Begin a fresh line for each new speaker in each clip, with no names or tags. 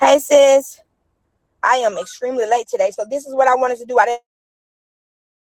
Hey sis, I am extremely late today, so this is what I wanted to do. I didn't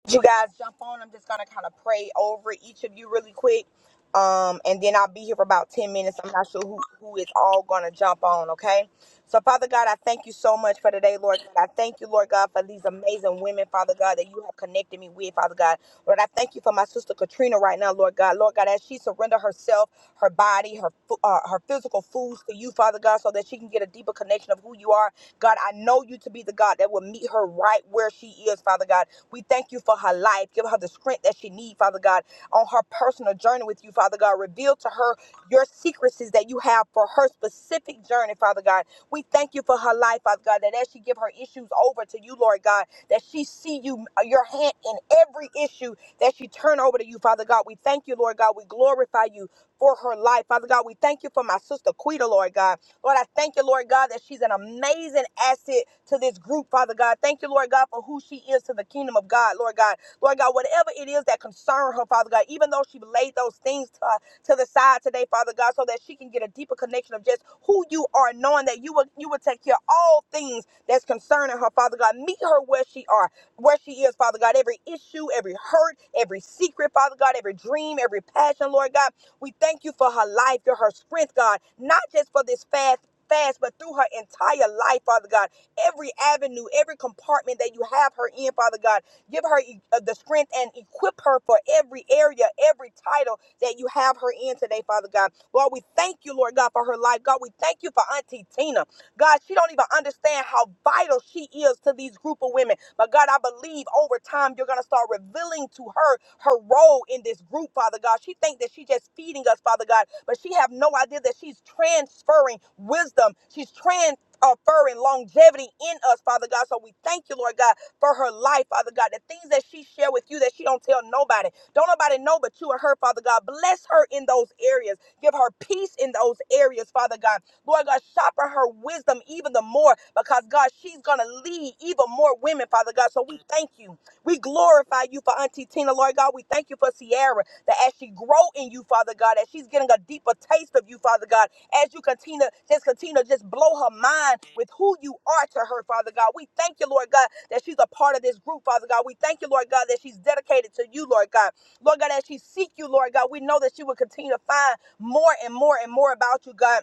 you guys jump on. I'm just gonna kind of pray over each of you really quick, um, and then I'll be here for about ten minutes. I'm not sure who who is all gonna jump on. Okay, so Father God, I thank you so much for today, Lord God. I thank you, Lord God, for these amazing women, Father God, that you have connected me with, Father God. Lord, I thank you for my sister Katrina right now, Lord God. Lord God, as she surrender herself, her body, her fu- uh, her physical foods to you, Father God, so that she can get a deeper connection of who you are. God, I know you to be the God that will meet her right where she is, Father God. We thank you for her life. Give her the strength that she needs, Father God, on her personal journey with you, Father God. Reveal to her your secrecies that you have for her specific journey, Father God. We thank you for her life, Father God, that as she give her issues over to you, Lord God, that she see you uh, your hand in every issue that she turn over to you, Father God. We thank you, Lord God. We glorify you for her life, Father God. We thank you for my sister Quita, Lord God. Lord, I thank you, Lord God, that she's an amazing asset to this group, Father God. Thank you, Lord God, for who she is to the kingdom of God, Lord God. Lord God, whatever it is that concern her, Father God, even though she laid those things to, to the side today, Father God, so that she can get a deeper connection of just who you are, knowing that you will you will take care of all things that's concerning her, Father God. Meet her where she are, where she is, Father God. Every issue, every hurt, every secret, Father God, every dream, every passion, Lord God. We thank you for her life, your her strength, God, not just for this fast fast, but through her entire life, Father God. Every avenue, every compartment that you have her in, Father God, give her e- uh, the strength and equip her for every area, every title that you have her in today, Father God. Lord, we thank you, Lord God, for her life. God, we thank you for Auntie Tina. God, she don't even understand how vital she is to these group of women. But God, I believe over time you're going to start revealing to her her role in this group, Father God. She thinks that she's just feeding us, Father God, but she have no idea that she's transferring wisdom. She's trans uh, fur and longevity in us, Father God. So we thank you, Lord God, for her life, Father God. The things that she share with you that she don't tell nobody. Don't nobody know but you and her, Father God. Bless her in those areas. Give her peace in those areas, Father God. Lord God, sharpen her wisdom even the more because, God, she's going to lead even more women, Father God. So we thank you. We glorify you for Auntie Tina, Lord God. We thank you for Sierra, that as she grow in you, Father God, as she's getting a deeper taste of you, Father God, as you continue, just continue to just blow her mind with who you are to her, Father God. We thank you, Lord God, that she's a part of this group, Father God. We thank you, Lord God, that she's dedicated to you, Lord God. Lord God, as she seek you, Lord God, we know that she will continue to find more and more and more about you, God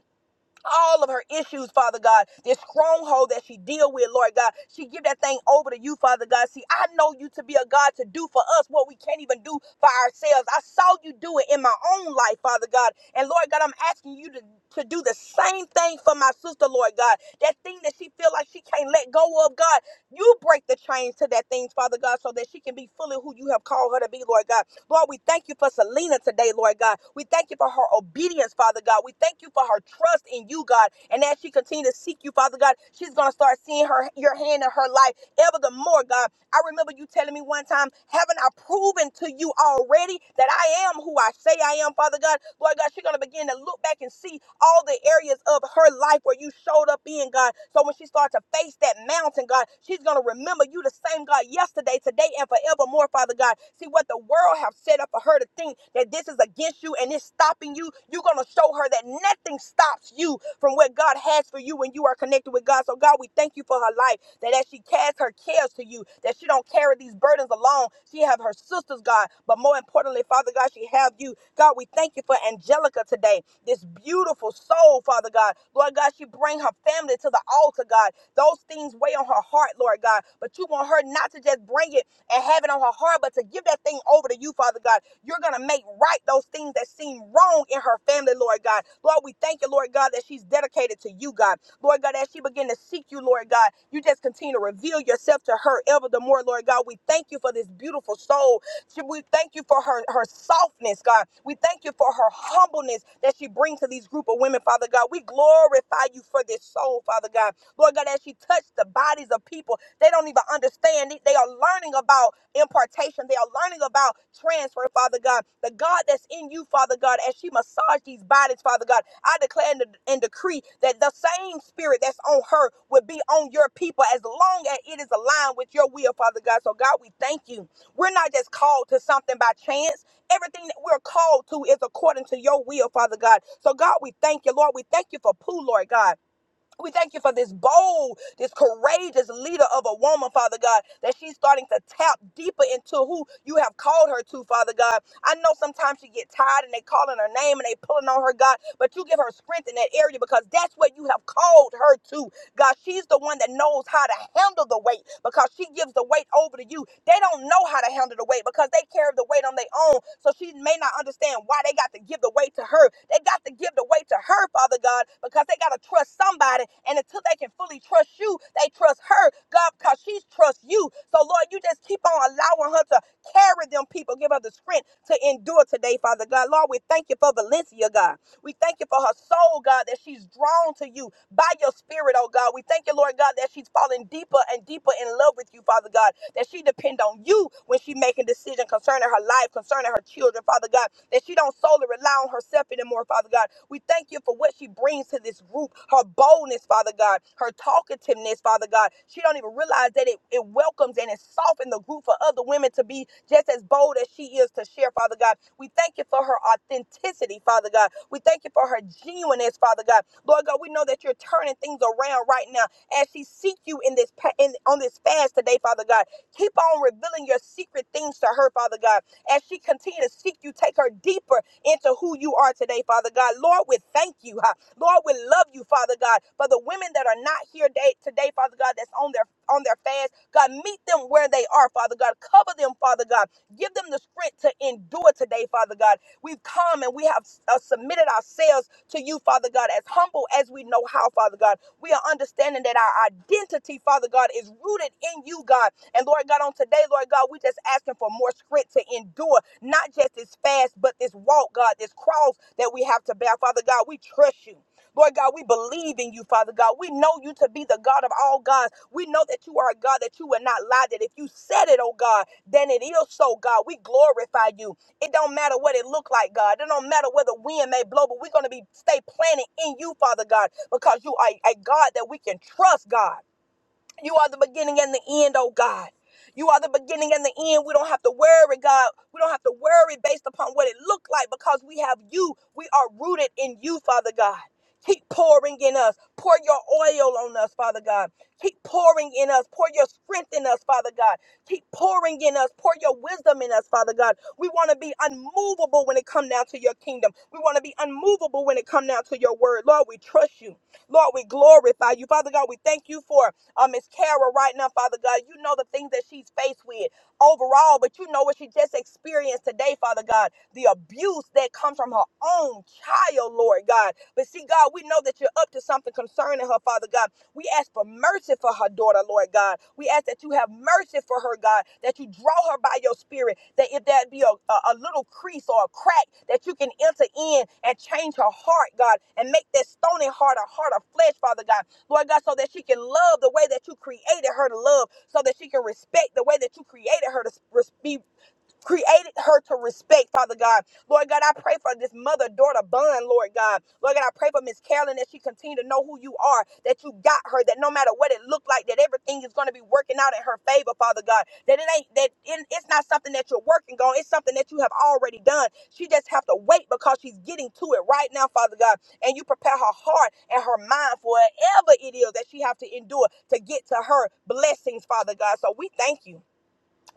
all of her issues, Father God, this stronghold that she deal with, Lord God. She give that thing over to you, Father God. See, I know you to be a God to do for us what we can't even do for ourselves. I saw you do it in my own life, Father God. And Lord God, I'm asking you to, to do the same thing for my sister, Lord God. That thing that she feel like she can't let go of, God, you break the chains to that thing, Father God, so that she can be fully who you have called her to be, Lord God. Lord, we thank you for Selena today, Lord God. We thank you for her obedience, Father God. We thank you for her trust in you, God. And as she continues to seek you, Father God, she's going to start seeing her your hand in her life ever the more, God. I remember you telling me one time, haven't I proven to you already that I am who I say I am, Father God? Lord God, she's going to begin to look back and see all the areas of her life where you showed up in, God. So when she starts to face that mountain, God, she's going to remember you the same God yesterday, today, and forevermore, Father God. See what the world have said set up for her to think that this is against you and it's stopping you, you're going to show her that nothing stops you from what God has for you when you are connected with God. So, God, we thank you for her life, that as she casts her cares to you, that she don't carry these burdens alone. She have her sisters, God, but more importantly, Father God, she have you. God, we thank you for Angelica today, this beautiful soul, Father God. Lord God, she bring her family to the altar, God. Those things weigh on her heart, Lord God, but you want her not to just bring it and have it on her heart, but to give that thing over to you, Father God. You're going to make right those things that seem wrong in her family, Lord God. Lord, we thank you, Lord God, that she's dedicated to you, God. Lord God, as she begin to seek you, Lord God, you just continue to reveal yourself to her ever the more, Lord God. We thank you for this beautiful soul. We thank you for her, her softness, God. We thank you for her humbleness that she brings to these group of women, Father God. We glorify you for this soul, Father God. Lord God, as she touched the bodies of people, they don't even understand it. They are learning about impartation. They are learning about transfer, Father God. The God that's in you, Father God, as she massaged these bodies, Father God, I declare and, and decree that the same spirit that's on her will be on your people as long as it is aligned with your will, Father God. So, God, we thank you. We're not just called to something by chance. Everything that we're called to is according to your will, Father God. So, God, we thank you, Lord. We thank you for Pooh, Lord God. We thank you for this bold, this courageous leader of a woman, Father God, that she's starting to tap deeper into who you have called her to, Father God. I know sometimes she get tired and they calling her name and they pulling on her, God, but you give her strength in that area because that's what you have called her to. God, she's the one that knows how to handle the weight because she she gives the weight over to you. They don't know how to handle the weight because they carry the weight on their own. So she may not understand why they got to give the weight to her. They got to give the weight to her, Father God, because they got to trust somebody. And until they can fully trust you, they trust her, God, because she trusts you. So, Lord, you just keep on allowing her to carry them people. Give her the strength to endure today, Father God. Lord, we thank you for Valencia, God. We thank you for her soul, God, that she's drawn to you by your spirit, oh God. We thank you, Lord God, that she's falling deeper and deeper in love with you, Father God, that she depend on you when she making decision concerning her life, concerning her children, Father God, that she don't solely rely on herself anymore, Father God. We thank you for what she brings to this group, her boldness, Father God, her talkativeness, Father God. She don't even realize that it, it welcomes and it softens the group for other women to be just as bold as she is to share, Father God. We thank you for her authenticity, Father God. We thank you for her genuineness, Father God. Lord God, we know that you're turning things around right now as she seek you in this in, on this fast today, Father God. Keep on revealing your secret things to her, Father God. As she continues to seek you, take her deeper into who you are today, Father God. Lord, we thank you. huh? Lord, we love you, Father God. For the women that are not here day, today, Father God, that's on their on their fast, God, meet them where they are, Father God. Cover them, Father God. Give them the strength to endure today, Father God. We've come and we have uh, submitted ourselves to you, Father God, as humble as we know how, Father God. We are understanding that our identity, Father God, is rooted in you, God. And Lord God, on today, Lord God, we just asking for more strength to endure, not just this fast, but this walk, God, this cross that we have to bear. Father God, we trust you. Lord God, we believe in you, Father God. We know you to be the God of all gods. We know that you are a God that you will not lie, that if you said it, oh God, then it is so, God. We glorify you. It don't matter what it look like, God. It don't matter where the wind may blow, but we're going to be stay planted in you, Father God because you are a God that we can trust, God. You are the beginning and the end, oh God. You are the beginning and the end. We don't have to worry, God. We don't have to worry based upon what it looked like because we have you. We are rooted in you, Father God. Keep pouring in us. Pour your oil on us, Father God. Keep pouring in us. Pour your strength in us, Father God. Keep pouring in us. Pour your wisdom in us, Father God. We want to be unmovable when it comes down to your kingdom. We want to be unmovable when it comes down to your word. Lord, we trust you. Lord, we glorify you. Father God, we thank you for um, Miss Kara right now, Father God. You know the things that she's faced with overall, but you know what she just experienced today, Father God. The abuse that comes from her own child, Lord God. But see, God, we know that you're up to something concerning her, Father God. We ask for mercy for her daughter, Lord God. We ask that you have mercy for her, God, that you draw her by your spirit, that if there be a, a, a little crease or a crack, that you can enter in and change her heart, God, and make that stony heart a heart of flesh, Father God Lord God, so that she can love the way that you created her to love, so that she can respect the way that you created her to be created her to respect, Father God. Lord God, I pray for this mother daughter bond, Lord God. Lord God, I pray for Miss Carolyn that she continue to know who you are, that you got her, that no matter what it looked like, that everything is going to be working out in her favor, Father God. That it ain't that it- it's not something that you're working on, it's something that you have already done. She just have to wait because she's getting to it right now, Father God. And you prepare her heart and her mind for whatever it is that she have to endure to get to her blessings, Father God. So we thank you.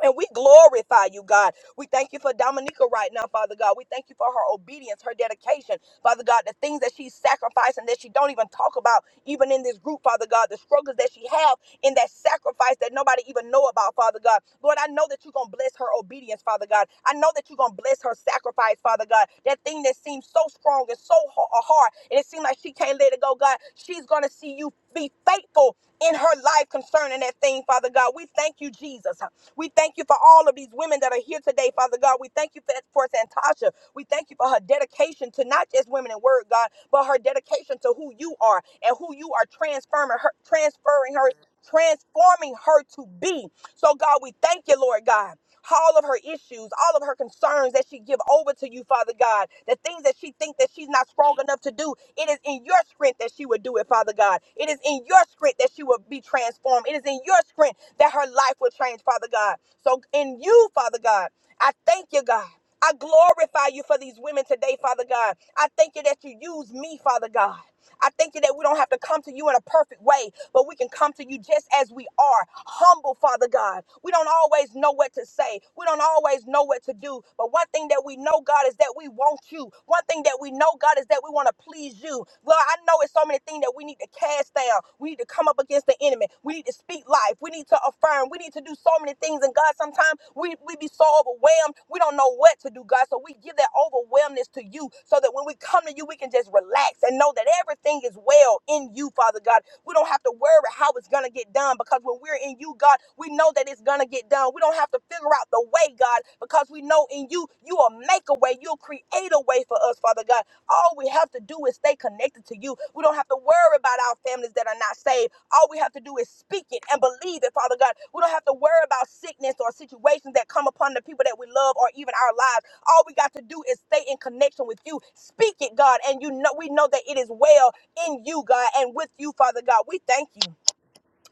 And we glorify you, God. We thank you for Dominica right now, Father God. We thank you for her obedience, her dedication, Father God, the things that she's sacrificing that she don't even talk about, even in this group, Father God, the struggles that she have in that sacrifice that nobody even know about, Father God. Lord, I know that you're going to bless her obedience, Father God. I know that you're going to bless her sacrifice, Father God. That thing that seems so strong and so ha- hard, and it seems like she can't let it go, God. She's going to see you be faithful in her life concerning that thing, Father God. We thank you, Jesus. We thank you for all of these women that are here today, Father God. We thank you for, for Santasha. We thank you for her dedication to not just women in word, God, but her dedication to who you are and who you are transforming her, transferring her, transforming her to be. So, God, we thank you, Lord God all of her issues, all of her concerns that she give over to you, Father God, the things that she think that she's not strong enough to do, it is in your strength that she would do it, Father God. It is in your strength that she will be transformed. It is in your strength that her life will change, Father God. So in you, Father God, I thank you, God. I glorify you for these women today, Father God. I thank you that you use me, Father God. I thank you that we don't have to come to you in a perfect way, but we can come to you just as we are, humble, Father God. We don't always know what to say, we don't always know what to do, but one thing that we know, God, is that we want you. One thing that we know, God, is that we want to please you. Lord, I know it's so many things that we need to cast down. We need to come up against the enemy. We need to speak life. We need to affirm. We need to do so many things many things. And God, sometimes we, we be so overwhelmed, we don't know what to do, God. So we give that overwhelmness to you so that when we come to you, we can just relax and know that everything is well in you, Father God. We don't have to worry how it's going to get done because when we're in you, God, we know that it's going to get done. We don't have to figure out the way, God, because we know in you, you will make a way. You'll create a way for us, Father God. All we have to do is stay connected to you. We don't have to worry about our families that are not saved. All we have to do is speak it and believe it, Father God. We don't have to worry about sickness or situations that come upon the people that we love or even our lives. All we got to do is stay in connection with you. Speak it, God, and you know we know that it is well in you, God, and with you, Father God. We thank you.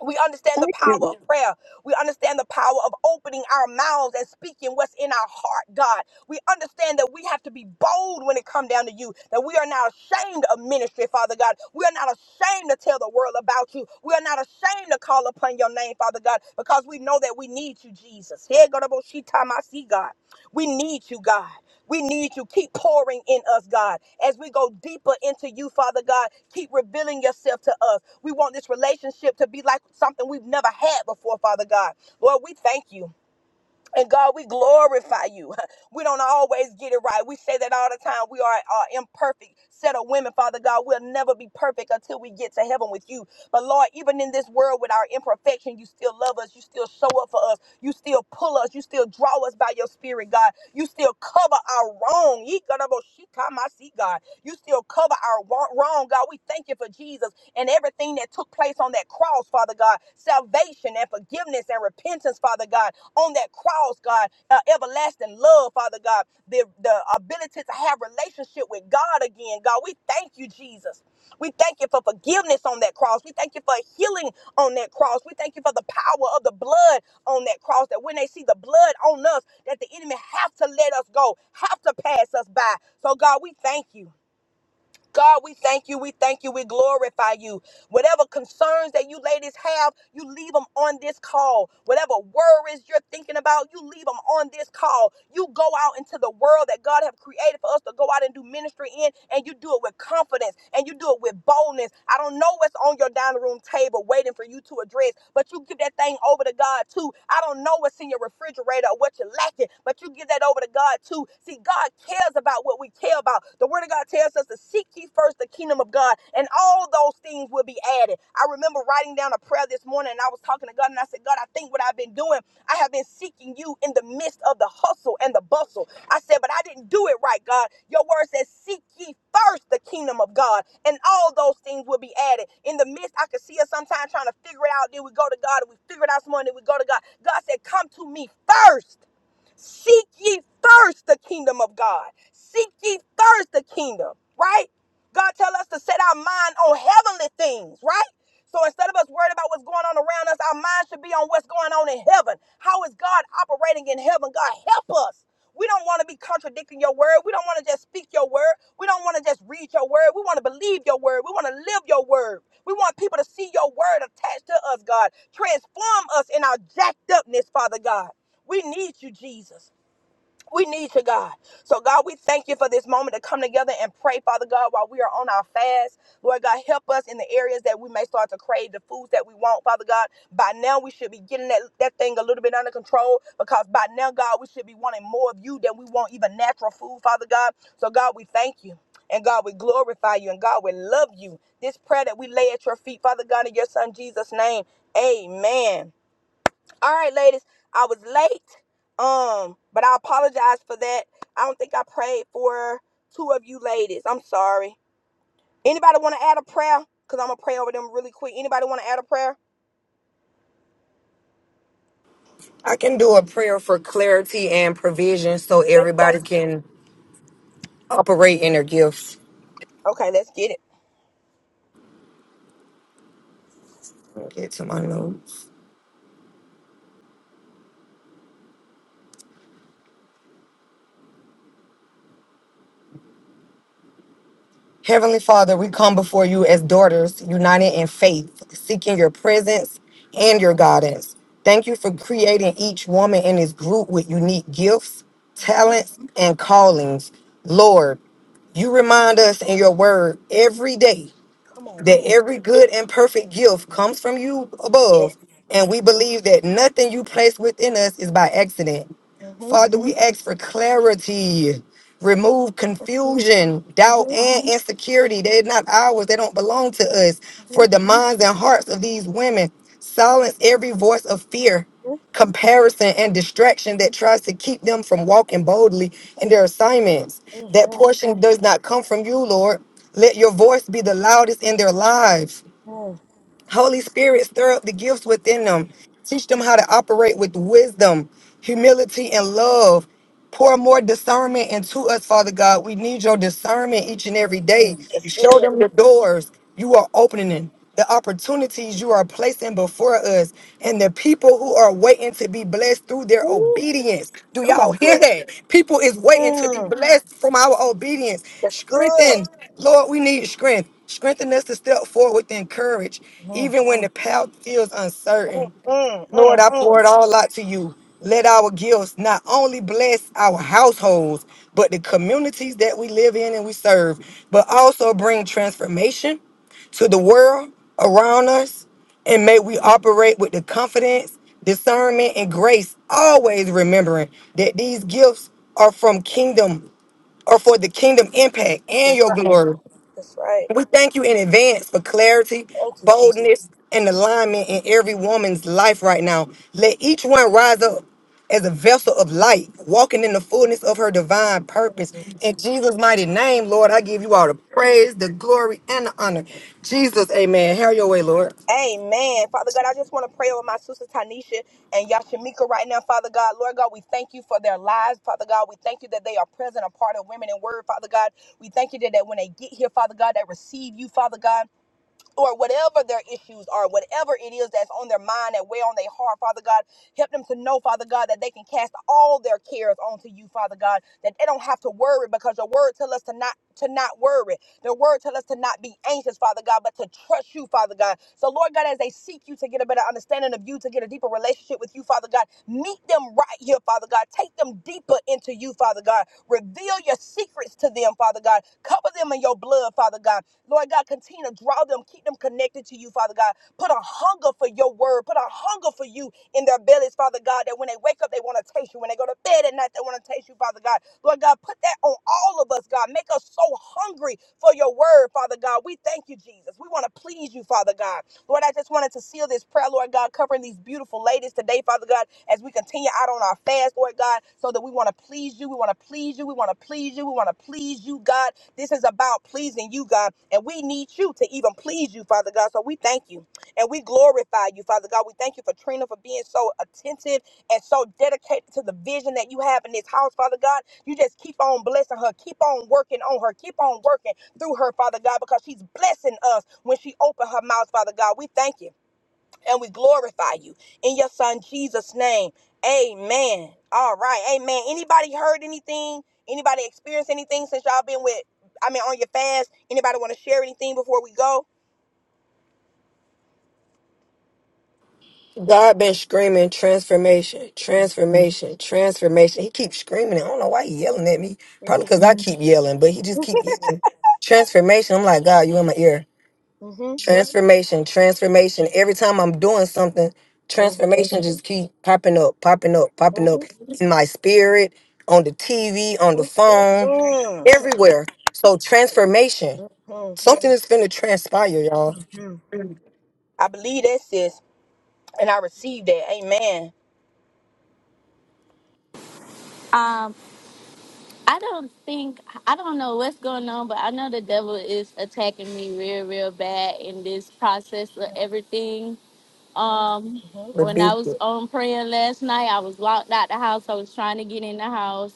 We understand the
Thank you.
power
Lord.
of prayer. We understand the power of opening our mouths and speaking what's in our heart, God. We understand that we have to be bold when it comes down to you, that we are not ashamed of ministry, Father God. We are not ashamed to tell the world about you. We are not ashamed to call upon your name, Father God, because we know that we need you, Jesus. Here go the Boshita, my see, God. We need you, God. We need you. Keep pouring in us, God. As we go deeper into you, Father God, keep revealing yourself to us. We want this relationship to be like something we've never had before, Father God. Lord, we thank you. And God, we glorify you. We don't always get it right. We say that all the time. We are an imperfect set of women, Father God. We'll never be perfect until we get to heaven with you. But Lord, even in this world with our imperfection, you still love us. You still show up for us. You still pull us. You still draw us by your spirit, God. You still cover our wrong. Yikaraboshikamasi, God. You still cover our wa- wrong, God. We thank you for Jesus and everything that took place on that cross, Father God. Salvation and forgiveness and repentance, Father God on that cross, God, uh, everlasting love, Father God, the, the ability to have relationship with God again, God. We thank you, Jesus. We thank you for forgiveness on that cross. We thank you for healing on that cross. We thank you for the power of the blood on that cross. That when they see the blood on us, that the enemy have to let us go, have to pass us by. So God, we thank you. God, we thank you. We thank you. We glorify you. Whatever concerns that you ladies have, you leave them on this call. Whatever worries you're thinking about, you leave them on this call. You go out into the world that God have created for us to go out and do ministry in, and you do it with confidence and you do it with boldness. I don't know what's on your dining room table waiting for you to address place, but you give that thing over to God too. I don't know what's in your refrigerator or what you're lacking, but you give that over to God too. See, God cares about what we care about. The Word of God tells us to seek ye first the kingdom of God, and all those things will be added. I remember writing down a prayer this morning, and I was talking to God, and I said, God, I think what I've been doing, I have been seeking you in the midst of the hustle and the bustle. I said, but I didn't do it right, God. Your word says, seek ye first the kingdom of God, and all those things will be added. In the midst, I could see us sometimes trying to figure it out. Then we go to God, and we figure it out some more, and then we go to God. God said, come to me first. Seek ye first the kingdom of God. Seek ye first the kingdom, right? God tell us to set our mind on heavenly things, right? So instead of us worried about what's going on around us, our mind should be on what's going on in heaven. How is God operating in heaven? God help us. We don't want to be contradicting your word. We don't want to just speak your word. We don't want to just read your word. We want to believe your word. We want to live your word. We want people to see your word attached to us, God. Transform us in our jacked upness, Father God. We need you, Jesus. We need you, God. So, God, we thank you for this moment to come together and pray, Father God, while we are on our fast. Lord God, help us in the areas that we may start to crave the foods that we want, Father God. By now, we should be getting that, that thing a little bit under control because by now, God, we should be wanting more of you than we want even natural food, Father God. So, God, we thank you. And God, we glorify you. And God, we love you. This prayer that we lay at your feet, Father God, in your Son Jesus' name. Amen. All right, ladies, I was late. Um, but I apologize for that. I don't think I prayed for two of you ladies. I'm sorry. Anybody want to add a prayer? Cause I'm gonna pray over them really quick. Anybody want to add a prayer?
I can do a prayer for clarity and provision so
Let's go.
everybody
sis.
can operate in their gifts.
Okay, let's get it.
Get to my notes. Heavenly Father, we come before you as daughters, united in faith, seeking your presence and your guidance. Thank you for creating each woman in this group with unique gifts,
Mm-hmm.
talents, and callings. Lord, you remind us in your word every day
Come on,
that
sis.
every good and perfect gift comes from you
Yes.
above, and
Mm-hmm.
we believe that nothing you place within us is by accident. Father, we ask for clarity. Remove confusion, doubt,
Mm-hmm.
and insecurity. They're not ours. They don't belong to us. For the minds and hearts of these women, silence every voice of fear, comparison, and distraction that tries to keep them from walking boldly in their assignments. That
Mm-hmm.
portion does not come from you, Lord. Let your voice be the loudest in their lives. Holy Spirit, stir up the gifts within them. Teach them how to operate with wisdom, humility, and love. Pour more discernment into us, Father God. We need your discernment each and every
Mm-hmm.
day.
That's
Show
good.
them the doors you are opening, the opportunities you are placing before us, and the people who are waiting to be blessed through their
Ooh,
obedience. Do
come
y'all
on,
hear
girl.
that? People is waiting to be
Mm,
blessed from our obedience.
that's good.
Strengthen, Lord, we need strength. Strengthen us to step forward within courage,
Mm,
even when the path feels uncertain.
mm,
Lord,
mm,
I pour
mm.
it all out to you. Let our gifts not only bless our households, but the communities that we live in and we serve, but also bring transformation to the world around us. And may we operate with the confidence, discernment, and grace, always remembering that these gifts are from kingdom or for the kingdom impact and
That's
your
right.
glory.
That's right.
We thank you in advance for clarity,
Thank you, Jesus.
boldness, and alignment in every woman's life right now. Let each one rise up as a vessel of light, walking in the fullness of her divine purpose. In Jesus' mighty name, Lord, I give you all the praise, the glory, and the honor. Jesus, amen. Have your way, Lord.
Amen. Father God, I just want to pray over my sister Tanisha and Yashamika right now, Father God. Lord God, we thank you for their lives, Father God. We thank you that they are present, a part of Women in Word, Father God. We thank you that, that when they get here, Father God, they receive you, Father God. or whatever their issues are, whatever it is that's on their mind and weigh on their heart, Father God, help them to know, Father God, that they can cast all their cares onto you, Father God, that they don't have to worry because your word tells us to not to not worry. The word tells us to not be anxious, Father God, but to trust you, Father God. So Lord God, as they seek you to get a better understanding of you, to get a deeper relationship with you, Father God, meet them right here, Father God. Take them deeper into you, Father God. Reveal your secrets to them, Father God. Cover them in your blood, Father God. Lord God, continue to draw them, keep them connected to you, Father God. Put a hunger for your word, put a hunger for you in their bellies, Father God, that when they wake up, they want to taste you. When they go to bed at night, they want to taste you, Father God. Lord God, put that on all of us, God. Make us so hungry for your word, Father God. We thank you, Jesus. We want to please you, Father God. Lord, I just wanted to seal this prayer, Lord God, covering these beautiful ladies today, Father God, as we continue out on our fast, Lord God, so that we want to please you. We want to please you. We want to please you. We want to please you, God. This is about pleasing you, God. And we need you to even please you, Father God. So we thank you. And we glorify you, Father God. We thank you for Trina for being so attentive and so dedicated to the vision that you have in this house, Father God. You just keep on blessing her, keep on working on her, keep on working through her, Father God, because she's blessing us when she opens her mouth, Father God. We thank you and we glorify you in your son Jesus' name. Amen. All right. Amen. Anybody heard anything? Anybody experienced anything since y'all been with I mean on your fast? Anybody want to share anything before we go?
God been screaming transformation, transformation, transformation. He keeps screaming. it. I don't know why he yelling at me. Probably because I keep yelling, but he just keep yelling transformation. I'm like, God, you in my ear
Mm-hmm.
Transformation, transformation. Every time I'm doing something, transformation just keep popping up, popping up, popping up
Mhm.
in my spirit, on the TV, on the phone,
Mhm.
everywhere. So transformation.
Mhm.
Something is going to transpire, y'all.
I believe that, sis, and I received that. Amen.
Um, I don't think I don't know what's going on, but I know the devil is attacking me real, real bad in this process of everything. Um,
Mhm.
when I
Rebuke
was
it.
on prayer last night, I was locked out the house. I was trying to get in the house.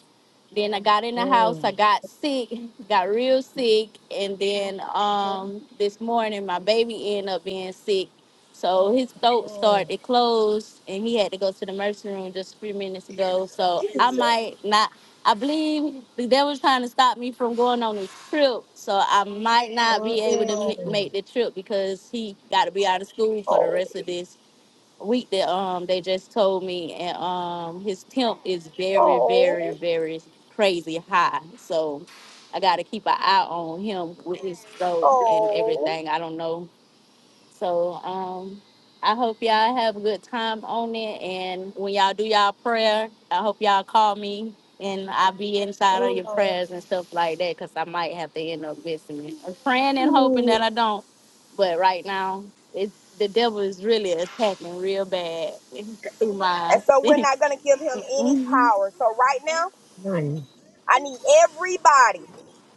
Then I got in the house. I
Mhm.
got sick, got real sick, and then um, this morning my baby ended up being sick. So his throat started
Mhm.
to close, and he had to go to the emergency room just a few minutes ago. So I
Jesus.
might not I believe the devil's trying to stop me from going on this trip, so I might not be able to ma- make
Mhm.
the trip because he got to be out of school for the
Oh,
rest of this week. That um they just told me, and um his temp is very, very,
oh,
very crazy high. So I got to keep an eye on him with his throat and
oh.
everything. I don't know so um, I hope y'all have a good time on it. And when y'all do y'all prayer, I hope y'all call me and I'll be inside of your
Mhm.
prayers and stuff like that because I might have to end up visiting. I'm praying and hoping that I don't. But right now, it's, the devil is really attacking real bad through mine.
And so we're not going to give him any power. So right now, I need everybody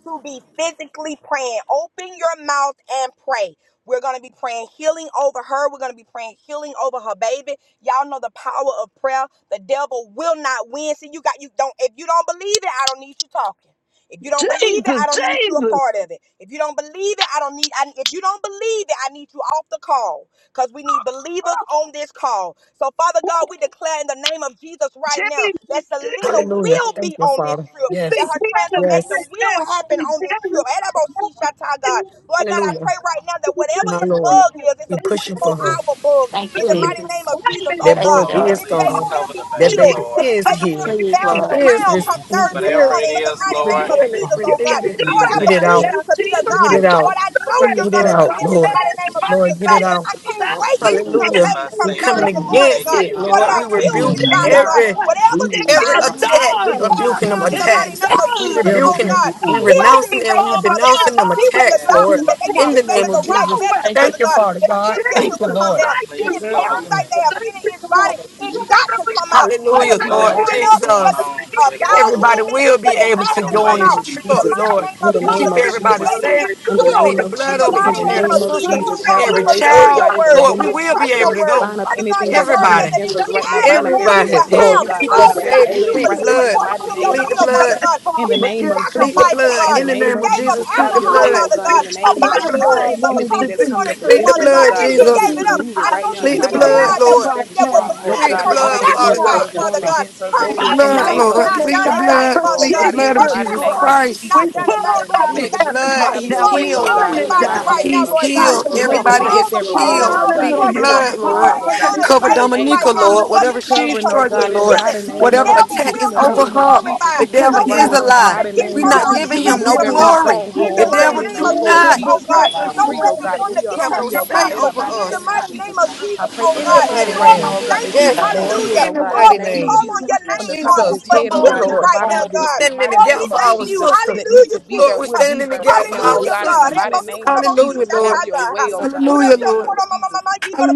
to be physically praying. Open your mouth and pray. We're going to be praying healing over her. We're going to be praying healing over her baby. Y'all know the power of prayer. The devil will not win. See, you got you don't if you don't believe it, I don't need you talking. If you don't believe it,
Jesus,
I don't need you a
Jesus,
part of it. If you don't believe it, I don't need I, if you don't believe it, I need you off the call because we need believers on this call. So, Father God, we declare in the name of Jesus right now
Jesus,
that
Jesus.
Selena
Hallelujah.
will
Thank
be
you,
on this
Father.
trip,
Be
that
Yes.
her
healing
transformation
right
Yes.
now.
will happen
Be
on this trip.
healing right now.
Elabosishata, God. Lord God, I
Hallelujah.
pray right now that whatever
My
this
Lord.
bug is, it's
We
a
In
24
pushing for
Jesus'
her.
hour bug
Thank you,
in the
Mm.
mighty name
Jesus.
of Jesus, oh
That
Thank
Yes,
you,
God,
bug
Lord,
that
Lord.
is
this baby
please
gone.
will
cover the
be
That
baby,
healed,
baby
that
Lord.
this
is
baby will be
healed.
Please,
He
bouncing
Lord.
is
around come
Please,
Thursday
received.
whatever it
morning in the
is,
mighty name
Lord,
Reveal
of
it,
Jesus, oh God.
retrieve it,
Now
Lord,
please
I
get
without
take
it
it
believe
out,
away.
you to be a
get
God.
it out,
Lord, I know you're
get
Please,
it
going to
Lord.
do
out,
this in the
Lord.
mighty name of Jesus,
Lord, get
God.
it out.
I can't wait to see her
Nothing
Hallelujah.
face
by
come
We
the
coming
Satan.
Thursday
revolution
morning,
against
Satan,
God.
you
it,
Lord,
Lord.
God,
We
cannot
We
take
heal
will
this
his
rebuke
baby,
body,
not
God.
every
Lord.
Whatever this
win.
every
virus is,
attack.
You
We
we
will
cast
not
it
rebuking them
down in
It
win.
the
is
mighty
attacks.
name of
We
done.
Jesus,
There will
oh
rebuking
not
them.
be
God.
No
We
down.
Heal this
renouncing
weapon
Yes,
and we
baby,
formed
Father God.
denouncing
against
them
all
Be with
that
the
attacks,
yes,
lady
Lord.
doctors
Lord.
will
that they they give
In
this
the
prosper.
baby
name of
the
No
right
Jesus.
weapon.
medicine,
Thank you,
Thank
Father
you,
God.
Father
The
God. Thank
temperature
you,
will
Jesus,
come
Lord.
Lord,
down.
thank you,
Any
please
Mm.
cover
Lord.
the
parasite
baby.
they have in
Thank you,
his
Lord. Hallelujah.
body, it got to come out,
Take
whether
Hallelujah,
please,
Hallelujah.
through
Lord.
Lord
whatever
throwing
is
up,
going
Jesus.
whether through
on
a
with him,
bowel
Everybody
Lord.
movement,
will be
but
Hallelujah.
it
able
Take
has
to
it
to
In
go
the
on
come
name
away.
this
out
of
trip,
in the
Jesus.
Hallelujah.
mighty
Hallelujah.
Lord.
name
In
of
the
You
name
Jesus.
keep
of
Take
Glory,
it
This
everybody
Jesus.
away.
baby
safe.
is
glory,
In the
You plead
healed
name
the
glory.
of
in
blood
the
over
Jesus. In
each
mighty
the
and
Glory,
name
every
of
name of
sister,
Jesus.
Jesus.
glory.
God,
Have your
we
every
way, Father
believe
child.
your
God.
Hallelujah.
In the
word.
Lord,
name
we
We
of
will be
trust
Jesus.
able
your
to
Hallelujah.
word.
Bind
go.
up
Father
Thank
God,
you,
anything
your
that's
word
Lord.
coming
said
Everybody,
that
against
if
us
we
Thank
right now.
you,
ask,
Bind up
then
Lord.
we
every
everybody,
will
attack,
We
oh
Lord.
have.
You
God.
keep
Bind
All
us
hail
up
we
every
got
safe.
to
You
do,
plan
plead the
right
Jesus.
now
believe
in the
blood.
Oh,
according
mighty
to your
name
no
Plead
of
the
will,
blood.
Father
Jesus.
weapon
God.
In
She
the
formed
been
name of
against them
Plead the
Jesus.
sacrificing,
blood.
In the
God.
In
was
the
She
name
name
of
of
gave up
Jesus,
Jesus.
plead
Have
that
the
your
alcohol,
door
way,
blood.
oh
will
Father
God.
be
God.
In the
Her
just
name
Plead
of
the
body
my
Jesus.
wanted
God
it,
blood.
but
wants
Anything
because
to
that's
be.
she
coming
wanted
up
you,
Plead
In
the
against
the
Father
us, oh
God,
blood,
God,
name
she
of
move
Jesus.
gave
it,
it
Jesus,
up.
remove it
I
I
right
know
now
you
in the
Plead
to
speak
the
be
mighty
a
name
blood,
God
of
healing
that
Lord.
Jesus.
will
right
Every
that will
now.
stronghold,
bless
Plead the
God,
her
in the
blood,
Right
name of no
Father
now.
sacrifice,
weapon
God.
Father
formed
God.
against
Her
Plead
us.
the
Right
In the
blood,
now.
sacrifice
name
is
of
In
Lord.
not
the
Jesus
Plead
done
the
shall
in
name
vain,
blood.
of
prosper,
Father
oh
Plead the
God,
God.
in
blood
the
of
Her
Jesus,
mighty
Jesus
name
sacrifice
glory.
of
is
Christ.
We
not
Jesus. In
done
the
in
pull
vain.
mighty
Lord, we
name
down
Plead
of
the
thank
heaven
Jesus.
you. uh,
blood.
right
Have
He's
your
now. We're
Lord, we
way, oh God,
healed.
pulling
in
glorify
it
the
magnify you
mighty
down.
right now,
name
He's
of
Lord God.
Oh,
Jesus.
healed.
We give
Cover,
you
Everybody
glory.
all
protect
is
the
every
praise and
woman,
healed.
oh
all the
God,
Plead the
that
glory,
is
Hallelujah.
here
God.
on
blood,
this
We
line
go
Lord.
alive, oh
ahead
God,
on
in
and
the
Cover
Hallelujah.
mighty
praise you
name
right
Dominica,
of
now
Lord.
for
Jesus.
Whatever
this day to
she's
Covering, oh God,
struggling,
complete
in the
Lord.
healing.
mighty
The
name of
Whatever
devil
attack
Jesus, in
will
is
the
not
over
be
Hallelujah.
name of
her.
Oh,
Jesus.
The
glorified.
thank
devil
No
Healing
you,
right
is
Lord.
a
weapon
now in the
lie.
formed
mighty
Jesus,
against
We're
name
her
of
not
or this
Jesus.
giving
be
him
baby
no
Remove
will
every
healing,
prosper
glory.
in
The
the
stronghold, oh God,
mighty
healing,
devil
in
name
the
do
of
name of
Jesus,
not
healing,
oh
Jesus.
God.
I am
deliverance,
No
free, oh
weapon
healing,
God.
formed
We are
against
have
her
no
free, oh
protection,
shall
God,
say
in
and
the
prosper
over
mighty
of
in the
name
us.
of
mighty
Jesus.
name of
Jesus,
I
Jesus,
pray
oh
for
In
her
the
God.
son
mighty
Lord,
right
Lord, we
now,
name.
oh God,
thank
that
you.
he
hallelujah,
Yes,
will be
Hallelujah.
Lord.
healed,
Hallelujah.
oh
In the
God, in the
Lord,
mighty
we
name of
name.
call on
Jesus,
hallelujah,
your
from
name
the top
for,
of his
Jesus,
for
come
head, oh
on,
God,
healing
hallelujah,
to the
Lord.
right
bottom
now,
of
We're
his
God.
standing in the
mighty
Lord, we
gap
name
for
of
thank
our
hallelujah.
you.
Jesus
sister.
that need to
Hallelujah,
be
Lord,
there
Jesus.
we're
will be
standing in the
there
gap
right
for
now, oh
our
Hallelujah,
God, in the
God.
sister,
Jesus,
mighty
Jesus.
name of
Hallelujah,
Jesus. Have
Lord.
your way, oh God, in the
Hallelujah,
name of
Lord.
Jesus.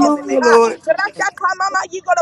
In the name
Lord.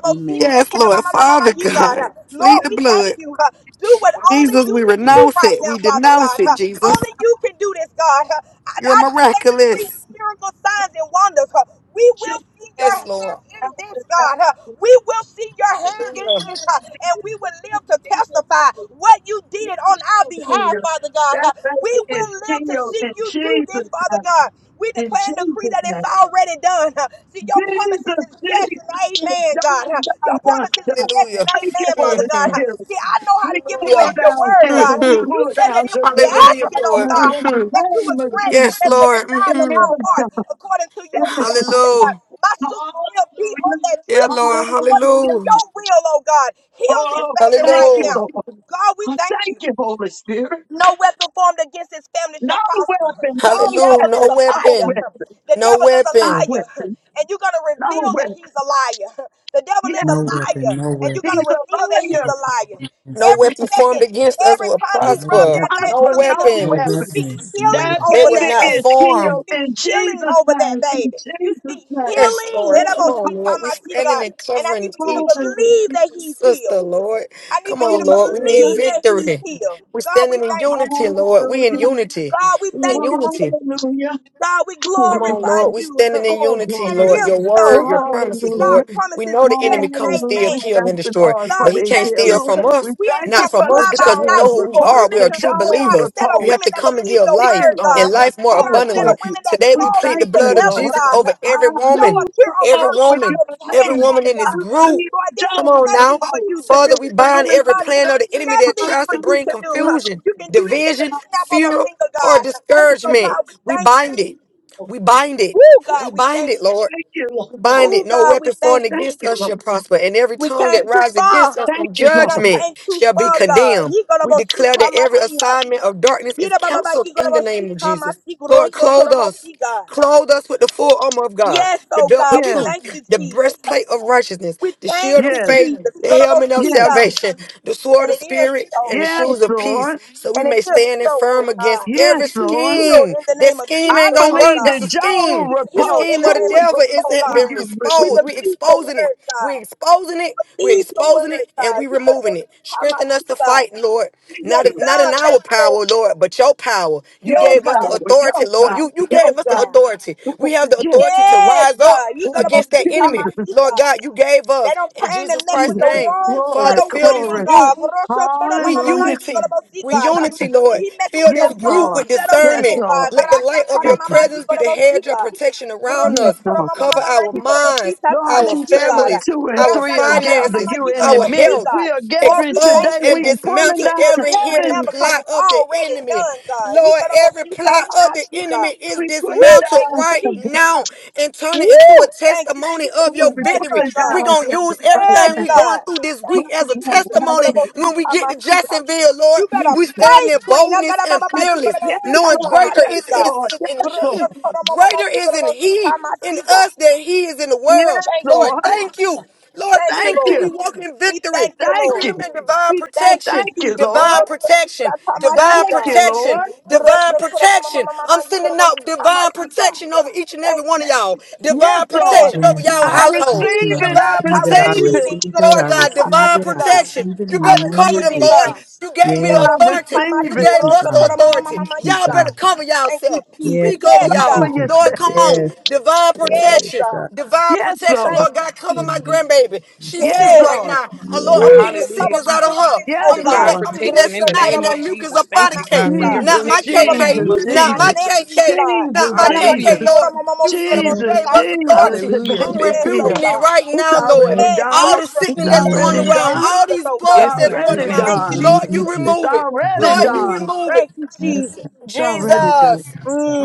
Amen.
Yes, Lord. Father God,
Lord,
plead the
we thank
blood.
you. huh. Do what only
Jesus,
you
we
can do
renounce
right
it.
now,
We
Father God.
denounce it,
huh.
Jesus.
Only you can do this, God. huh. I,
You're
I declare and decree decree
miraculous.
miracle signs and wonders. huh. We will see your
Yes,
Jesus,
Lord.
hand in this, God. huh. We will see your hand in
Hallelujah.
this, huh, and we will live to testify what you did on our behalf, Father God.
that
huh. We
baby is
will live to
healed
see
in
you do this,
Jesus' name.
Father God. We
In
declare and decree
Jesus'
that it's
name.
already done. huh. See, your promises
Jesus,
is yes and
Jesus,
amen,
down,
God. huh?
down,
Your
down,
promises is
down.
yes
Hallelujah.
and
Thank you,
amen,
Holy
Father God.
hmm
huh?
Spirit.
See, I know how
We
to give you
pour
Hallelujah.
back your
down
word, God.
heaven.
huh?
We
hmm
You
pour
said
down
that if we
deliverance
ask
Hallelujah,
it,
right
oh
Lord.
now
God,
in
huh,
the
hmm
that you
name
would
of
grant it
Yes,
as
Jesus.
the
Lord.
desires
In
of
hmm
our
every
heart
time,
according to your
every
will, Father
Hallelujah.
God. My sister will be on
Hallelujah.
that
Yeah,
trip
Lord.
huh, according to
Hallelujah.
Hallelujah.
your will, oh God. Heal this
Oh,
baby
thank
right
you,
Hallelujah.
now.
Lord.
God, we
Oh,
thank
Thank
you.
you, Holy Spirit.
No weapon formed against his family
No
shall prosper.
weapon, no
The
Hallelujah.
devil
No
is
weapon,
a
no
liar.
weapon,
weapon.
The
No
devil is a
no
weapon.
liar.
weapon,
And you're going to
no
reveal that
weapon.
he's a liar. The devil
Yes,
is a
No weapon,
liar.
no
And you're going
weapon.
he's
to
a
reveal that he's
liar.
a liar.
Yes,
No
I
Every
weapon formed
second,
against us
every
will
time
shall.
you
No
rub
prosper.
that
weapon,
baby,
No
prosper
Selena,
no
no
you
weapon.
weapons.
speak
weapons, no
healing
That
weapon.
They
over
will
baby
that
not
is
baby. You
form.
healed
speak
in
healing
Jesus'
over that
name. In
baby. You
Jesus'
speak
name.
Yes,
healing.
Lord.
That
Come
Yes,
about she
on, Lord.
talking
We
about she
standing
God.
and
And I need
covering
for you to
each
Hallelujah.
believe that he's
sister,
healed.
Lord.
I need
Come
for you
on,
to
Hallelujah.
Lord. We need
believe that he's
victory.
healed.
We're
God, we
standing in
thank you.
unity, Lord. We in
Hallelujah.
unity.
God, we
We in
thank you, Jesus.
unity.
Hallelujah.
God, we
Come
Hallelujah.
on,
glorify
Lord. We're
you.
standing in
Oh,
unity,
And
glory.
it
Lord.
is
Your
so.
word, your
See,
promises,
God
Hallelujah.
Lord. We
promises
know
is
the
yes
enemy come to
and
Hallelujah.
steal,
We
amen.
kill,
thank
and
you,
destroy,
Lord,
God,
but
for
he
we
the
can't
thank
healing.
steal
you.
from
We
us,
We ain't
thank you
not
some
for
from
the
us,
fly
because
by
we know
Joel's
night
who
group
we
of
report,
are. We
women.
the
are true
We
Joel's
are a
believers.
set of
You
report.
have
women
to
that
come and
believe
give
your
Thank
life,
word,
you, Lord.
and
God.
We
life more
We
call
are a set
abundantly.
upon
of
you.
women that
Today,
We
we
call
plead
you
the
thank
from
blood
you,
of
Lord.
heaven,
Jesus
God.
over
to
I
every
Show
lose
woman,
up here on
every
report
earth on
when you
woman,
our
every
behalf,
believe.
woman
Father
in
I
this
God.
group.
believe
Lord, this is
Come
Joe's
on now.
nothing for
report.
you to
Father,
do.
we bind
Hallelujah.
every
God, this
plan
is
of the enemy that
nothing
tries
for
to
you
Hallelujah.
bring
to do.
confusion,
You can do this at the
division,
snap of a
Hallelujah.
fear,
finger,
or
God.
Thank
So,
you,
discouragement.
Lord.
God, we
We
thank you.
bind it. We bind it.
Oh,
We
God, we
bind
thank
it,
you.
Lord
Thank you, Lord.
bind it.
Oh,
No
God,
weapon
we thank
formed
Thank
you.
against
you,
us
Lord.
shall prosper, and every
We
tongue that
came too
rises against us
far.
Thank
in
you,
We
Lord.
done
judgment
came too
shall be
far, God.
condemned. We declare that every
Yikoroboshitamasiha.
assignment of darkness is
Yirabababa,
canceled in the name of Jesus. Lord, clothe us.
yikoroboshitamasikurosotoromosi, God.
Clothe us with the full armor of God,
Yes,
the
oh
belt of
God, we
Yes,
thank
truth,
you,
the
Jesus.
breastplate of righteousness,
We
the
thank
shield of
you,
yes,
faith,
Jesus.
the helmet of
yes,
Yikorobosika.
salvation, the sword
And
of
it is
spirit,
so.
and the
yes,
shoes of peace,
Lord.
so we
And it
may
is
stand
so,
firm
oh
against
God.
Yes,
every
He's
Lord.
healed
scheme.
in the
That
name of
scheme
Jesus,
I
ain't gonna
oh
work.
believe
That's
the
God.
a
Joe
scheme.
He's
The
healed
report.
in
scheme
the
of the
name
Who
of Jesus,
devil is
report when
God.
been
you
We
believe?
exposed. We're
believe your
exposing it.
word,
We're
God.
exposing
We
it. We're
believe your
exposing
word,
it, and
God.
we're
You better go
removing it.
see how much
Strengthen us
you
to fight,
God.
Lord.
Thank
Yes,
Not
you.
not in
God.
our
Thank you, Lord.
power, Lord, but your power. You
Your
Yes,
gave us the
God.
power,
authority,
your
Lord.
power,
You you
your
Yes,
gave us the
power.
God.
authority. We have the
Yes,
authority to
Yes,
rise up
God. You
oh,
gonna go
against that
keep on my
enemy,
Jesus,
feet,
Lord
God.
God. You gave
They
us
don't
in
came
Jesus
and mess with
Christ's
Jesus.
the
name,
wrong set
Glory,
Father.
of
Fill this
women,
glory.
group.
God. Gorosho toro
We
mama mama
Hallelujah.
you
unity.
yigoro bosi,
We
God. huh?
unity,
Jesus.
Lord.
He messing
Fill
with the
Yes,
this group
wrong
Lord.
with
set of
Yes,
women,
discernment.
Lord.
God.
Let the
Gorasha
light of
toro
Yes,
your
mama you
presence be
yigoro
the
bosi,
hedge of
God.
protection around
yes,
us.
Gorosho toro
Lord.
mama mama
Cover
mama
our
go bosi,
minds,
tata
Lord,
our
you
mesi,
say where
God.
families,
two and
our
Gorasha
three are
toro mama
gathered,
finances,
mama
you
you
in
yigoro
the
our
bosi,
midst.
health.
We
God.
are
Lord,
gathering
we thank
Expose
today.
you.
and
We
We
pulling
dismantle
give you the
down
every
victory
hidden
now
heaven.
because
plot
it's
of the
already
enemy.
done, God.
Lord,
Yigoro
every
bosi,
plot
tata
of the
masi,
enemy
God.
is
We pulling
Woo,
dismantled
thank
down
you,
right
heaven.
now
Jesus.
turn it into a
Woo! Thank you,
testimony
Jesus.
of
Oh,
your
we
Yes,
victory.
oh
pulling
We're
God.
down
going to
heaven
use
Yes,
right
everything we're
now.
God.
going through this
Thank
week
you,
Right
as a
now,
Jesus.
right
You gotta
testimony
now.
go see
when we get to
Tamasika.
Jacksonville, Lord.
You
You
better
We
pray,
stand in
Trina.
boldness
Gotta ba-
and
ba-
see.
ba- You
fearless,
gotta go
Yes,
see Ta-
knowing
Lord.
greater
Yes,
is,
Tamasika.
is,
Lord.
is in
Yes, Lord.
He.
Gracias, todo momo- mo-
Greater
You
is
gotta
in
go see
He in
Tamasika.
us than He is in the
Yes,
world.
Thank you,
Lord,
Lord.
Jesus.
thank you. Lord,
Thank you,
thank
Thank
you.
you.
Lord.
We walk in
We
victory.
thank you,
Thank
Lord.
Freedom
you.
and divine
We thank you,
protection.
Thank you,
Jesus. You
Divine
Lord.
gotta go see
protection.
Ta-
Divine
Thank you,
Tamasika.
protection.
Lord.
Divine
Gracias, todo momo- mo-
protection.
mo-
I'm
You gotta
sending
go
out
see
divine
Tamasika.
protection over each and every
Thank
one
you,
of y'all.
Yes,
Divine
Lord.
Yes.
protection over
Yes,
y'all
I
God.
I
household.
Thank
receive
receive
you. I
it.
it. I
Divine
I
receive it. I
receive
protection.
receive
it.
it. He
receive
gonna
it.
go
Lord
I
see
God,
time I
receive
divine
it.
see
I
God.
protection.
receive it
You
in the
I
better
name
cover
receive
of
them,
it,
Lord.
God.
Jesus.
You gave
You
me the
gotta
Yes.
I
go see
authority.
time I
You
receive
Thank
see
it.
gave
you,
us
Grosso to
the
God.
the mama mama
authority.
Thank
mama
you,
you
Y'all
God.
better
God.
cover you
Thank you, Jesus.
Yes.
Speak over
Yes,
Thank
Some
y'all.
you,
of
God.
you.
God.
Lord, come on.
Yes.
Divine protection
Yes,
Yes,
protection,
God.
divine
Yes,
protection,
Lord.
Thank
Lord
you,
God, cover
Jesus.
my
God.
grandbaby. She's
Yes.
Yes,
sick
Yes.
right
Lord.
now.
Yes,
oh Lord, I'm getting the
Jesus,
yes, yes,
Hallelujah,
cover
sickness
my
out of
Jesus.
babies,
her.
Yes,
oh
I'm getting
Divine
God.
that,
Lord.
I'm getting that
protection in the
Grosso to
snot
yes,
the
and
name
that
of
most
mucus
Jesus.
up
time
out
Thank
of
I
you,
see
K.
God, for your
God.
Not
Jesus,
my
protection in
Cover
the
my
KK,
Jesus,
name of
nieces,
not
my
my
Jesus.
Jesus.
nephews,
KK,
God.
not
Jesus,
my
Gotta go see
Hallelujah.
KK,
Jesus,
to the
Lord.
mama mama
You
you gotta
said you
go
Jesus,
see
gave
time I
us
see God.
Jesus,
authority.
baby
Hallelujah.
I'm
it's
Yes, oh
here.
rebuking it
God.
right
It's
now, Lord.
yes,
already
Yes,
done.
All
Lord,
the
we
It's
sickness
rebuke
that's
that in
going
the
already
name of
around,
done.
all
Jesus,
these
oh
It's
God.
bugs
Yes,
that's
God, in
going
the
already
around,
name
Thank
of
you,
done.
Lord,
Jesus.
you
Jesus.
It's
remove it.
already
Lord, you
Remove.
done.
remove it.
Thank you,
yes,
Jesus.
It's already done.
Jesus,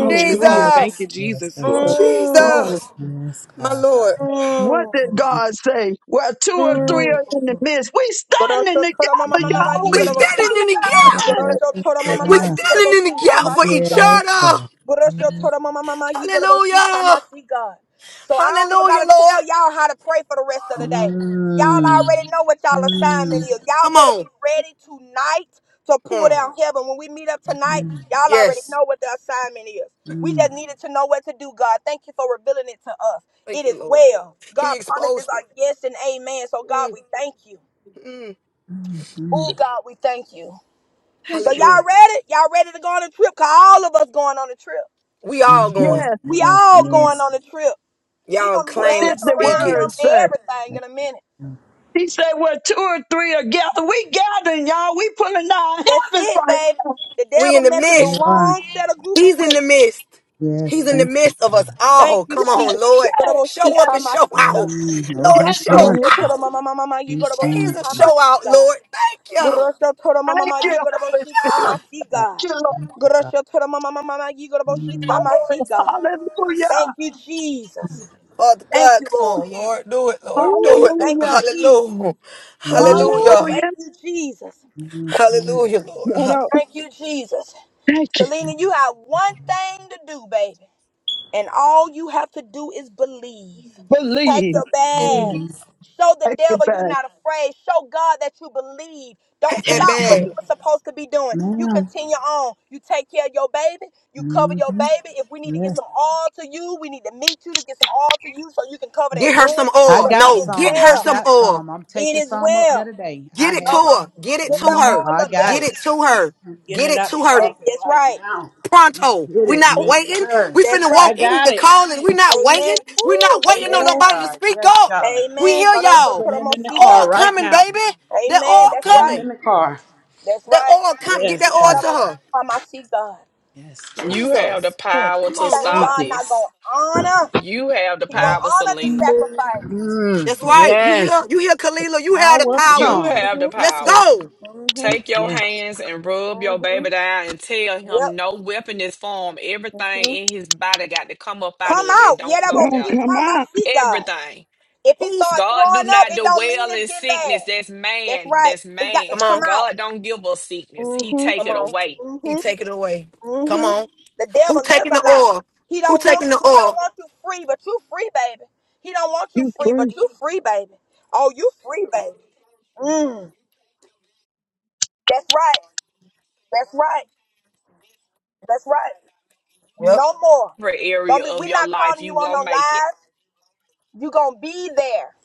It's glory,
Thank you,
Jesus,
yes,
Jesus.
yes, so
glory,
mm,
glory.
Jesus,
yes,
my
God,
Lord.
What did
mm,
God say? Where two or three are in the
mm.
midst, we standing
Goroso toro mama
together,
mama
yes,
mama,
y'all.
yi
We're
We
goroso.
standing in
pulling
the
out
gap.
heaven.
Goroso toro
We
mama
We're
put-
mama,
God,
yi
standing
goroso
in the gap for each
tamasiga.
yes,
other.
God.
Borosho told her, Mama, Mama, you gonna go see time
Hallelujah.
I see God. So I don't even
Hallelujah,
gotta
Lord.
tell y'all how to pray for the rest of the day. Y'all already
Mm,
know what y'all assignment
mm,
is. Y'all
Come
better be
on.
ready tonight to pull
Mm.
down heaven. When we meet up tonight, y'all already
Yes.
know what the assignment is. We
mm.
just needed to know what to do, God. Thank you for revealing it to us.
Thank
It is
you, Lord.
well.
He
God promises
exposed
are
it.
yes and amen. So God,
Mm,
we thank you.
mm.
Oh God, we thank you. So
Thank you.
y'all
Hallelujah.
ready? Y'all ready to go on a trip? Cause all of us going on a trip.
We all
Yes,
going.
Yes.
We
yes,
all
yes,
going on a trip. He
Y'all
gonna be
What
claim it,
did
bouncing
the
around
speak
mm,
word
him
it.
and
say?
everything
yes,
in a minute.
God.
He said, where two or three are gathered, we gathering, y'all. We pulling out
That's
heaven
it,
right
baby.
now.
The
We
devil
in the
messed with the
you
midst.
are.
wrong set of group of
He's in the
women.
midst.
Yes,
He's in the
thank you.
midst of us all.
Thank you,
Come on,
Jesus.
Lord.
Yes,
Show up
yes,
Goroshita
and show out.
masika.
Mm, oh,
Lord,
yes.
he's
show
on.
it
Gorosho
is.
toro
out.
mama mama mama you
He's on.
Jesus,
goroshita
show out,
masika.
Lord. Thank you. Lord,
Gorosho toro mama
Thank
mama
you,
you
thank
Holy
goroshita
you.
Spirit.
masika.
Thank you, Lord.
Gorosho toro mama mama mama you goroshita
Glory.
masika.
Hallelujah.
Thank you, Jesus.
Father
Thank
God,
you,
come
Lord.
on, Lord. Do it, Lord. Do
Ooh,
it,
thank
Lord.
you,
Hallelujah.
Jesus.
Hallelujah.
Ooh,
Hallelujah.
thank
Hallelujah.
you, Jesus.
Hallelujah, Lord.
No,
Hallelujah.
no.
Thank you, Jesus.
Thank you.
Selena, you have one thing to do, baby. And all you have to do is believe. Pack
Believe.
your bags. Show the
Take it
devil you're
back.
not afraid. Show God that you believe. Don't
Pack that
Yes,
stop what
Lord.
bag.
you were supposed to be doing. You
Ma'am.
continue on. You take care of your baby. You cover your
Mm-hmm.
baby. If we need to get some oil to you, we need to meet you to get some oil to you so you can cover that
Get her some
room.
I
oil.
But it
got
No,
is
get
some. I
her
well.
some
got
oil.
some. I'm
It
taking
is
some up there
well.
today. I
Get it
have
Uh
it.
to
huh.
her. Get it
Get
to
that
hmm
her.
I
oil up there.
got
Get
it.
it to her.
I'm getting
Get
it
it
out the
to her.
That-
closet
That's
right
right.
now.
Pronto.
Get
We're
it.
not
Make
waiting.
sure.
We
That's
finna
right.
I
walk in
got
the
it.
calling. We're not waiting.
Amen.
We're not
Woo!
waiting on
Yes,
Amen.
nobody to
God.
speak
Yes,
up.
God.
We
Amen.
hear
I'm
y'all.
putting it in the
Oil
car
Gorosoporomoshika.
right
coming,
now.
baby. They're
Amen.
I'm
all
That's
putting it
right.
coming.
in the car.
That's
They're
right.
all coming. Get
Yes,
that oil
God.
to her.
Gorosoporomoshika, my God.
Yes. God.
You have the
Jesus.
Hmm.
power
Come
You
to
on,
think
Lord.
stop
God not
this.
gonna honor?
You have the
He gonna
power,
Yes.
honor the
Selena.
sacrifice.
Mm,
That's
Mm.
right. You hear,
yes.
you hear Kalila, you
I
have the
would have
power.
You
tongue.
have the
Mhm.
Let's
power.
go.
Mhm.
Take your
Yes.
hands and rub your
Mhm.
baby down and tell him
Yep.
no weapon is formed. Everything
Mhm.
in his body got to come up out of
Come
it.
out.
Don't
Yeah,
go there.
come
Yerabosika,
on.
my see God.
Everything.
If he
Who's
start
God do
throwing up,
not
it don't mean
dwell
it's
in
getting
sickness.
bad.
That's
That's
man.
right.
That's
It got to
come
man.
come
on?
out.
God don't give us sickness. He
Mhm.
take
Come
it
on.
away.
Mhm.
He taking it away. Come
hmm
on.
The
Who
devil lives
taking
a
the
lie.
oil?
He
Who
don't want
taking the
you. He don't
oil?
want you free, but you free, baby. He don't want you
You
free,
free.
but you free, baby. Oh, you free, baby. Mm. That's right. That's right. That's right.
Yep.
No more.
Every area
Don't be.
of
We're
your
not
life,
calling you
you
on
gonna
no
make it.
lies. You gonna be there.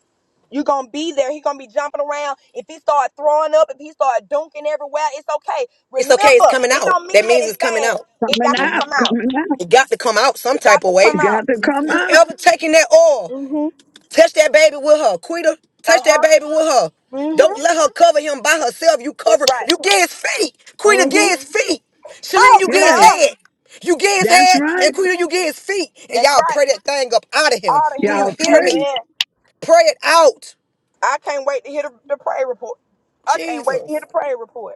You gonna be there. He gonna be jumping around. If he start throwing up, if he start dunking everywhere, it's okay.
It's okay, it's
Remember,
coming
it
out.
don't
That
mean that
means it's
it's
coming
bad.
out.
It
Coming
got to
out,
come out.
coming out.
It got to come out some
It got
type
to
of way.
You
come
got
out.
to come out.
Whoever taking that oil.
Mm-hmm.
Touch that baby with her. Quita, touch
Uh
that baby with her.
huh.
Don't let her cover him by herself. You
That's
cover,
right.
you get his feet. Quita,
hmm
get his feet. Shalina,
Talk,
you get his
Yes,
God.
head. You get his
that's
head, and
right.
Quita, you get his feet. And
That's
y'all
right.
pray that thing up out of him.
All
Do
to
you
Y'all
him.
hear me?
pray.
Amen.
Pray it out.
I can't wait to hear the, the prayer report. I can't wait to hear
Jesus.
the prayer report.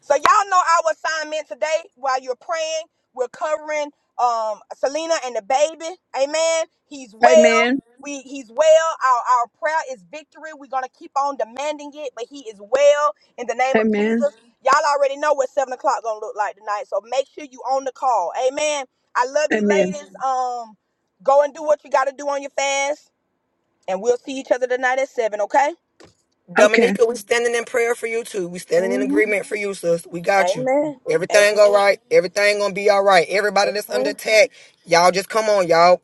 So y'all know our assignment today while you're praying. We're covering um Selena and the baby. Amen. He's well.
Amen.
We he's well. Our our prayer is victory. We're gonna keep on demanding it, but he is well in the name of
Amen.
Jesus. Y'all already know what seven o'clock gonna look like tonight. So make sure you on the call. Amen. I love you
Amen.
ladies. Um go and do what you gotta do on your fast. And we'll see each other tonight at seven, okay?
Okay.
Dominica, we standing in prayer for you too. We standing in
hmm
agreement for you, sis. We got you.
Amen.
Everything all
Amen.
right. Everything gonna be all right. Everybody that's under
Amen.
attack, y'all just come on, y'all.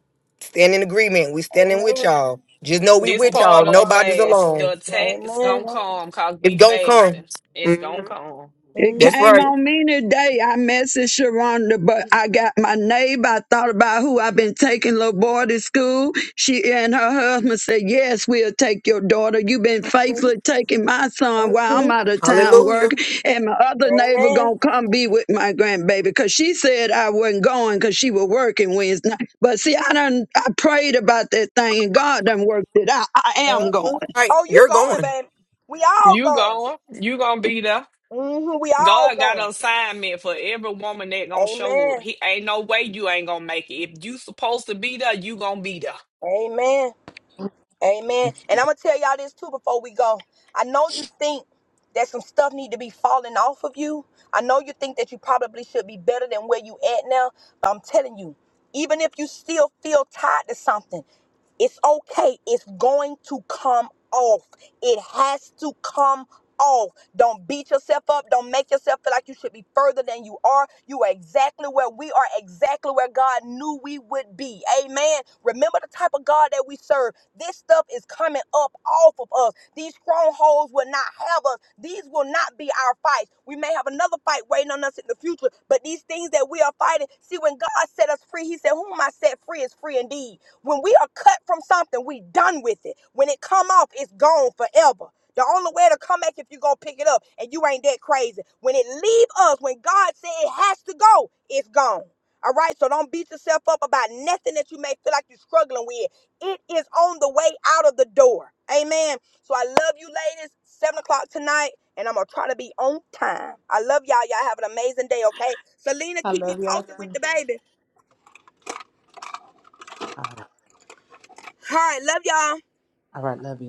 Stand in agreement. We standing
Amen.
with y'all. Just know we
This
with
part
y'all.
of the
Nobody's
fast, the
alone.
attack's
Amen.
gonna come cause
It's
we
gonna come.
fasting. It's
Mm,
gonna come.
It
that's
Amen.
came
right.
on me today. I messaged Sharonda, but I got my neighbor. I thought about who I've been taking little boy to school. She and her husband said, Yes, we'll take your daughter. You've been faithfully taking my son while I'm
Mhm.
out of town
Hallelujah. Right,
working. And my other neighbor
Amen.
gonna come be with my grandbaby because she said I wasn't going because she was working Wednesday. night. But see, I done I prayed about that thing and God done worked it out. I am going.
hmm
right,
Oh, you
you're
going,
going.
baby. We all
You
going.
going, you gonna be there.
hmm We all
God got an
going.
assignment for every woman that gonna show up.
Amen.
He ain't no way you ain't gonna make it. If you supposed to be there, you gonna be there.
Amen. Amen. And I'm gonna tell y'all this too before we go. I know you think that some stuff need to be falling off of you. I know you think that you probably should be better than where you at now, but I'm telling you, even if you still feel tied to something. It's okay. It's going to come off. It has to come off. Don't beat yourself up. Don't make yourself feel like you should be further than you are. You are exactly where we are, exactly where God knew we would be. Amen. Remember the type of God that we serve. This stuff is coming up off of us. These strongholds will not have us. These will not be our fights. We may have another fight waiting on us in the future, but these things that we are fighting, see, when God set us free, He said, Whom I set free is free indeed. When we are cut from something, we done with it. When it come off, it's gone forever. The only way to come back if you gonna pick it up and you ain't that crazy. When it leave us, when God said it has to go, it's gone. All right, so don't beat yourself up about nothing that you may feel like you're struggling with. It is on the way out of the door. Amen. So I love you, ladies. Seven o'clock tonight, and I'm gonna try to be on time. I love y'all. Y'all have an amazing day, okay? Selena,
I
keep me
love y'all
posted with
too.
the baby. All right, love y'all.
All right. Love you.